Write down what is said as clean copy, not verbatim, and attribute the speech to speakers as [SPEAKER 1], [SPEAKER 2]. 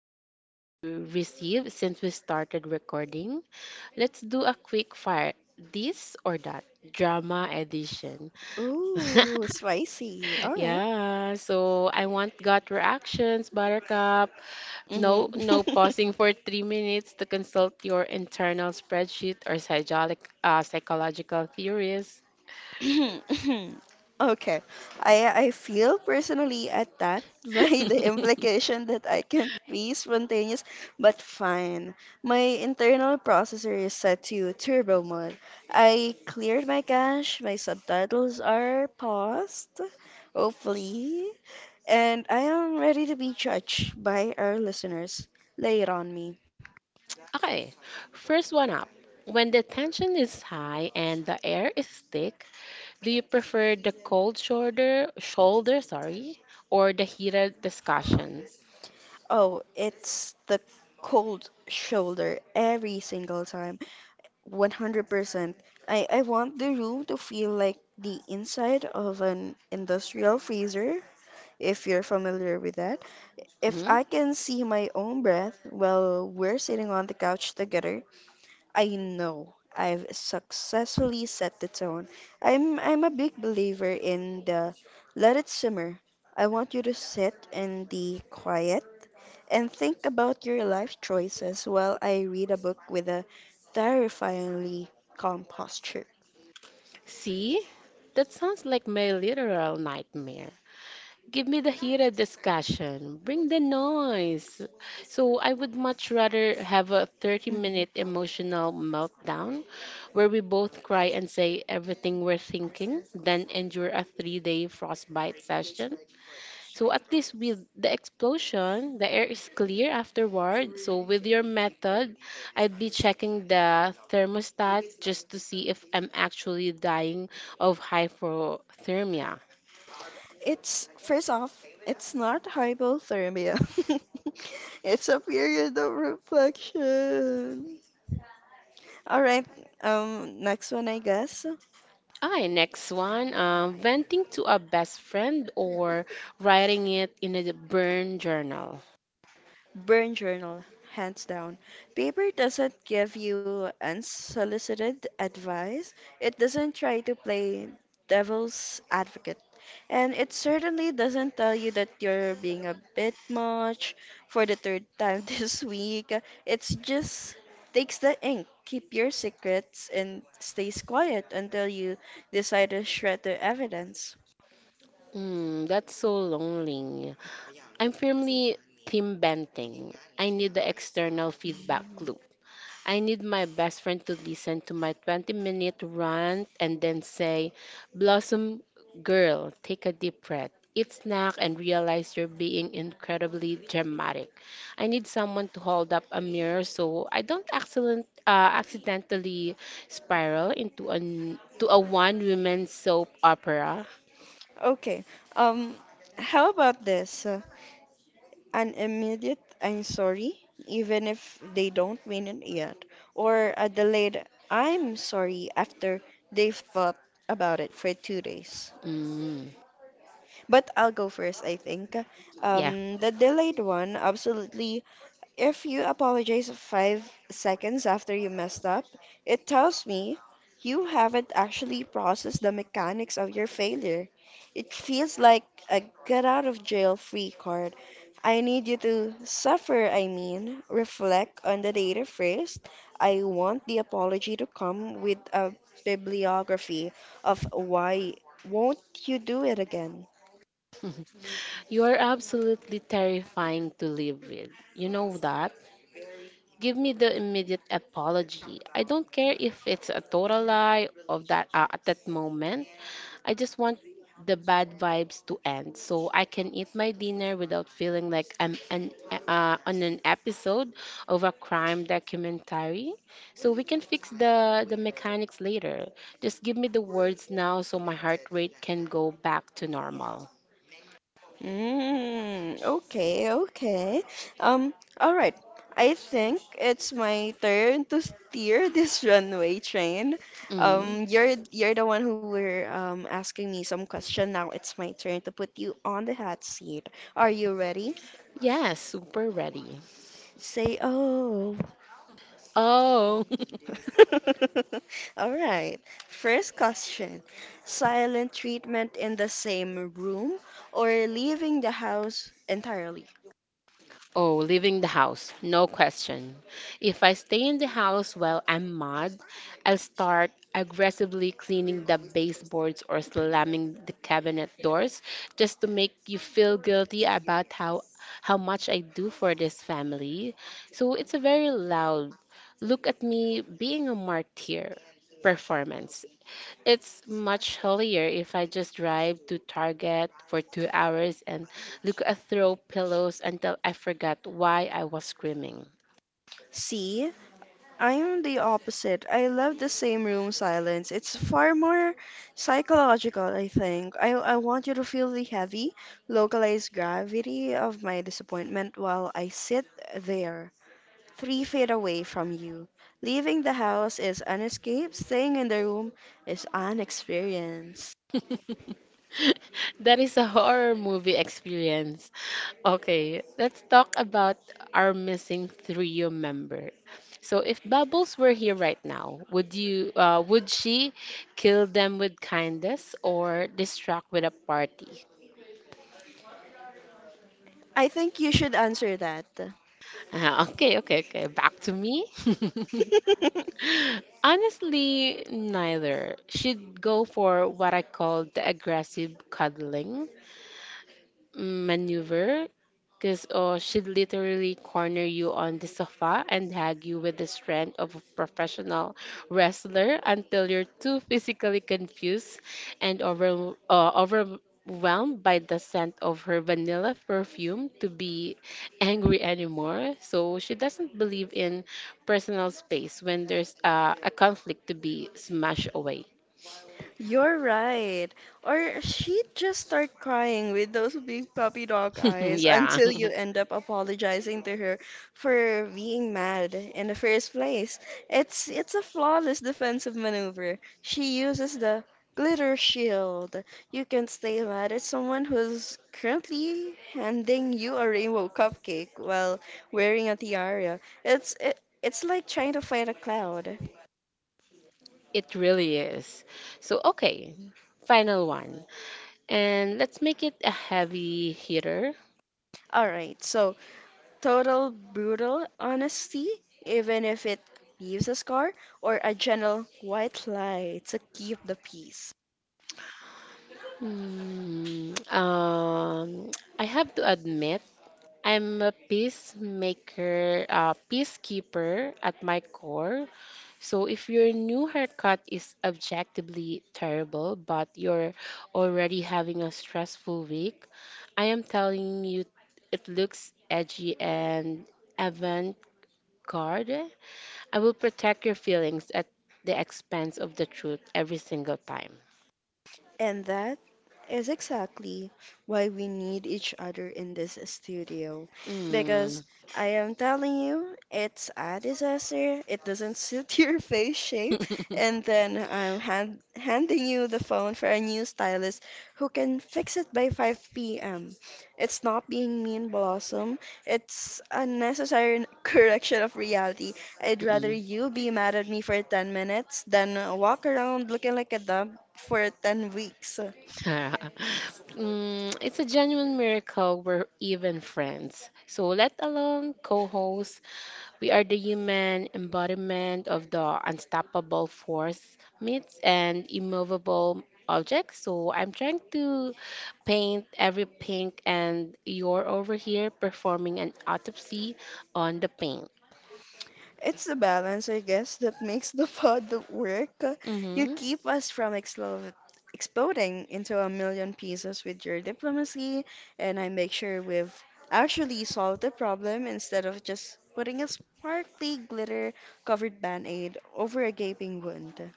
[SPEAKER 1] I've definitely received since we started recording, let's do a quick fire this or that drama edition.
[SPEAKER 2] Ooh, spicy. All right.
[SPEAKER 1] Yeah, so I want gut reactions, Buttercup. No,
[SPEAKER 2] Mm-hmm.
[SPEAKER 1] no pausing for 3 minutes to consult your internal spreadsheet or psychological theories.
[SPEAKER 2] Okay. I feel personally attacked by the implication that I can't be spontaneous, but fine. My internal processor is set to turbo mode. I cleared my cache, my subtitles are paused, hopefully, and I am ready to be judged by our listeners. Lay it on me.
[SPEAKER 1] Okay, first one up. When the tension is high and the air is thick, do you prefer the cold shoulder, or the heated discussion?
[SPEAKER 2] Oh, it's the cold shoulder every single time. 100%. I want the room to feel like the inside of an industrial freezer, if you're familiar with that. If
[SPEAKER 1] Mhm.
[SPEAKER 2] I can see my own breath while we're sitting on the couch together, I know I've successfully set the tone. I'm a big believer in the let it simmer. I want you to sit in the quiet and think about your life choices while I read a book with a terrifyingly calm posture.
[SPEAKER 1] See, that sounds like my literal nightmare. Give me the heated discussion. Bring the noise. So I would much rather have a
[SPEAKER 2] Mhm.
[SPEAKER 1] 30-minute emotional meltdown where we both cry and say everything we're thinking than endure a three-day frostbite session. So at least with the explosion, the air is clear afterward. So with your method, I'd be checking the thermostat just to see if I'm actually dying of hypothermia.
[SPEAKER 2] It's, first off, it's not hypothermia. It's a period of reflection. All right, next one, I guess.
[SPEAKER 1] Hi, next one. Venting to a best friend or writing it in a burn journal.
[SPEAKER 2] Burn journal, hands down. Paper doesn't give you unsolicited advice. It doesn't try to play devil's advocate. And it certainly doesn't tell you that you're being a bit much for the third time this week. It's just takes the ink, keep your secrets, and stays quiet until you decide to shred the evidence.
[SPEAKER 1] Mm, that's so lonely. I'm firmly team venting. I need the external feedback loop. I need my best friend to listen to my 20-minute minute rant and then say, Blossom girl, take a deep breath, eat snack, and realize you're being incredibly dramatic. I need someone to hold up a mirror so I don't accidentally spiral into a one woman soap opera.
[SPEAKER 2] Okay, um, how about this? An immediate I'm sorry, even if they don't mean it yet, or a delayed I'm sorry after they've thought about it for 2 days.
[SPEAKER 1] Mm,
[SPEAKER 2] But I'll go first, I think.
[SPEAKER 1] yeah,
[SPEAKER 2] The delayed one absolutely. If you apologize 5 seconds after you messed up, it tells me you haven't actually processed the mechanics of your failure. It feels like a get out of jail free card. I need you to suffer, I mean, reflect on the data first. I want the apology to come with a bibliography of why won't you do it again.
[SPEAKER 1] you are absolutely terrifying to live with. You know that? Give me the immediate apology. I don't care if it's a total lie of that at that moment. I just want the bad vibes to end so I can eat my dinner without feeling like on an episode of a crime documentary. So we can fix the mechanics later. Just give me the words now so my heart rate can go back to normal.
[SPEAKER 2] Mm, okay, okay. Um, all right. I think it's my turn to steer this runway train.
[SPEAKER 1] Mm.
[SPEAKER 2] You're the one who were asking me some question. Now it's my turn to put you on the hot seat. Are you ready?
[SPEAKER 1] Yes, super ready.
[SPEAKER 2] Say oh.
[SPEAKER 1] Oh.
[SPEAKER 2] All right. First question. Silent treatment in the same room or leaving the house entirely?
[SPEAKER 1] Oh, leaving the house, no question. If I stay in the house while I'm mad, I'll start aggressively cleaning the baseboards or slamming the cabinet doors just to make you feel guilty about how much I do for this family. So it's a very loud look at me being a martyr performance. It's much hillier if I just drive to Target for 2 hours and look at throw pillows until I forgot why I was screaming.
[SPEAKER 2] C. I am the opposite. I love the same room silence. It's far more psychological, I think. I want you to feel the heavy, localized gravity of my disappointment while I sit there, 3 feet away from you. Leaving the house is an escape, staying in the room is an experience.
[SPEAKER 1] That is a horror movie experience. Okay, let's talk about our missing trio member. So if Bubbles were here right now, would she kill them with kindness or distract with a party?
[SPEAKER 2] I think you should answer that.
[SPEAKER 1] Okay, okay, okay. Back to me. Honestly, neither. She'd go for what I call the aggressive cuddling maneuver, because oh she'd literally corner you on the sofa and hag you with the strength of a professional wrestler until you're too physically confused and overwhelmed by the scent of her vanilla perfume to be angry anymore. So she doesn't believe in personal space when there's a conflict to be smashed away.
[SPEAKER 2] You're right. Or she'd just start crying with those big puppy dog eyes
[SPEAKER 1] Yeah,
[SPEAKER 2] until you end up apologizing to her for being mad in the first place. It's a flawless defensive maneuver. She uses the glitter shield. You can stay mad at someone who's currently handing you a rainbow cupcake while wearing a tiara. It's like trying to fight a cloud.
[SPEAKER 1] it really is. So, okay, final one. And let's make it a heavy hitter.
[SPEAKER 2] All right, so total brutal honesty, even if it leaves a scar, or a gentle white lie to keep the peace.
[SPEAKER 1] Hmm, um, I have to admit, I'm a peacekeeper at my core. So if your new haircut is objectively terrible, but you're already having a stressful week, I am telling you it looks edgy and avant-garde. I will protect your feelings at the expense of the truth every single time.
[SPEAKER 2] And that is exactly why we need each other in this studio.
[SPEAKER 1] Mm,
[SPEAKER 2] Because I am telling you, it's a disaster. It doesn't suit your face shape. And then I'm handing you the phone for a new stylist who can fix it by 5 p.m. It's not being mean, Blossom. It's a necessary correction of reality. I'd rather
[SPEAKER 1] mm-mm.
[SPEAKER 2] you be mad at me for 10 minutes than walk around looking like a dub for 10 weeks.
[SPEAKER 1] Mm, it's a genuine miracle we're even friends. So let alone co hosts, we are the human embodiment of the unstoppable force myths and immovable object. So I'm trying to paint every pink and you're over here performing an autopsy on the paint.
[SPEAKER 2] It's the balance, I guess, that makes the pod work. You
[SPEAKER 1] Mm-hmm.
[SPEAKER 2] keep us from exploding into a million pieces with your diplomacy, and I make sure we've actually solved the problem instead of just putting a sparkly glitter covered band aid over a gaping wound.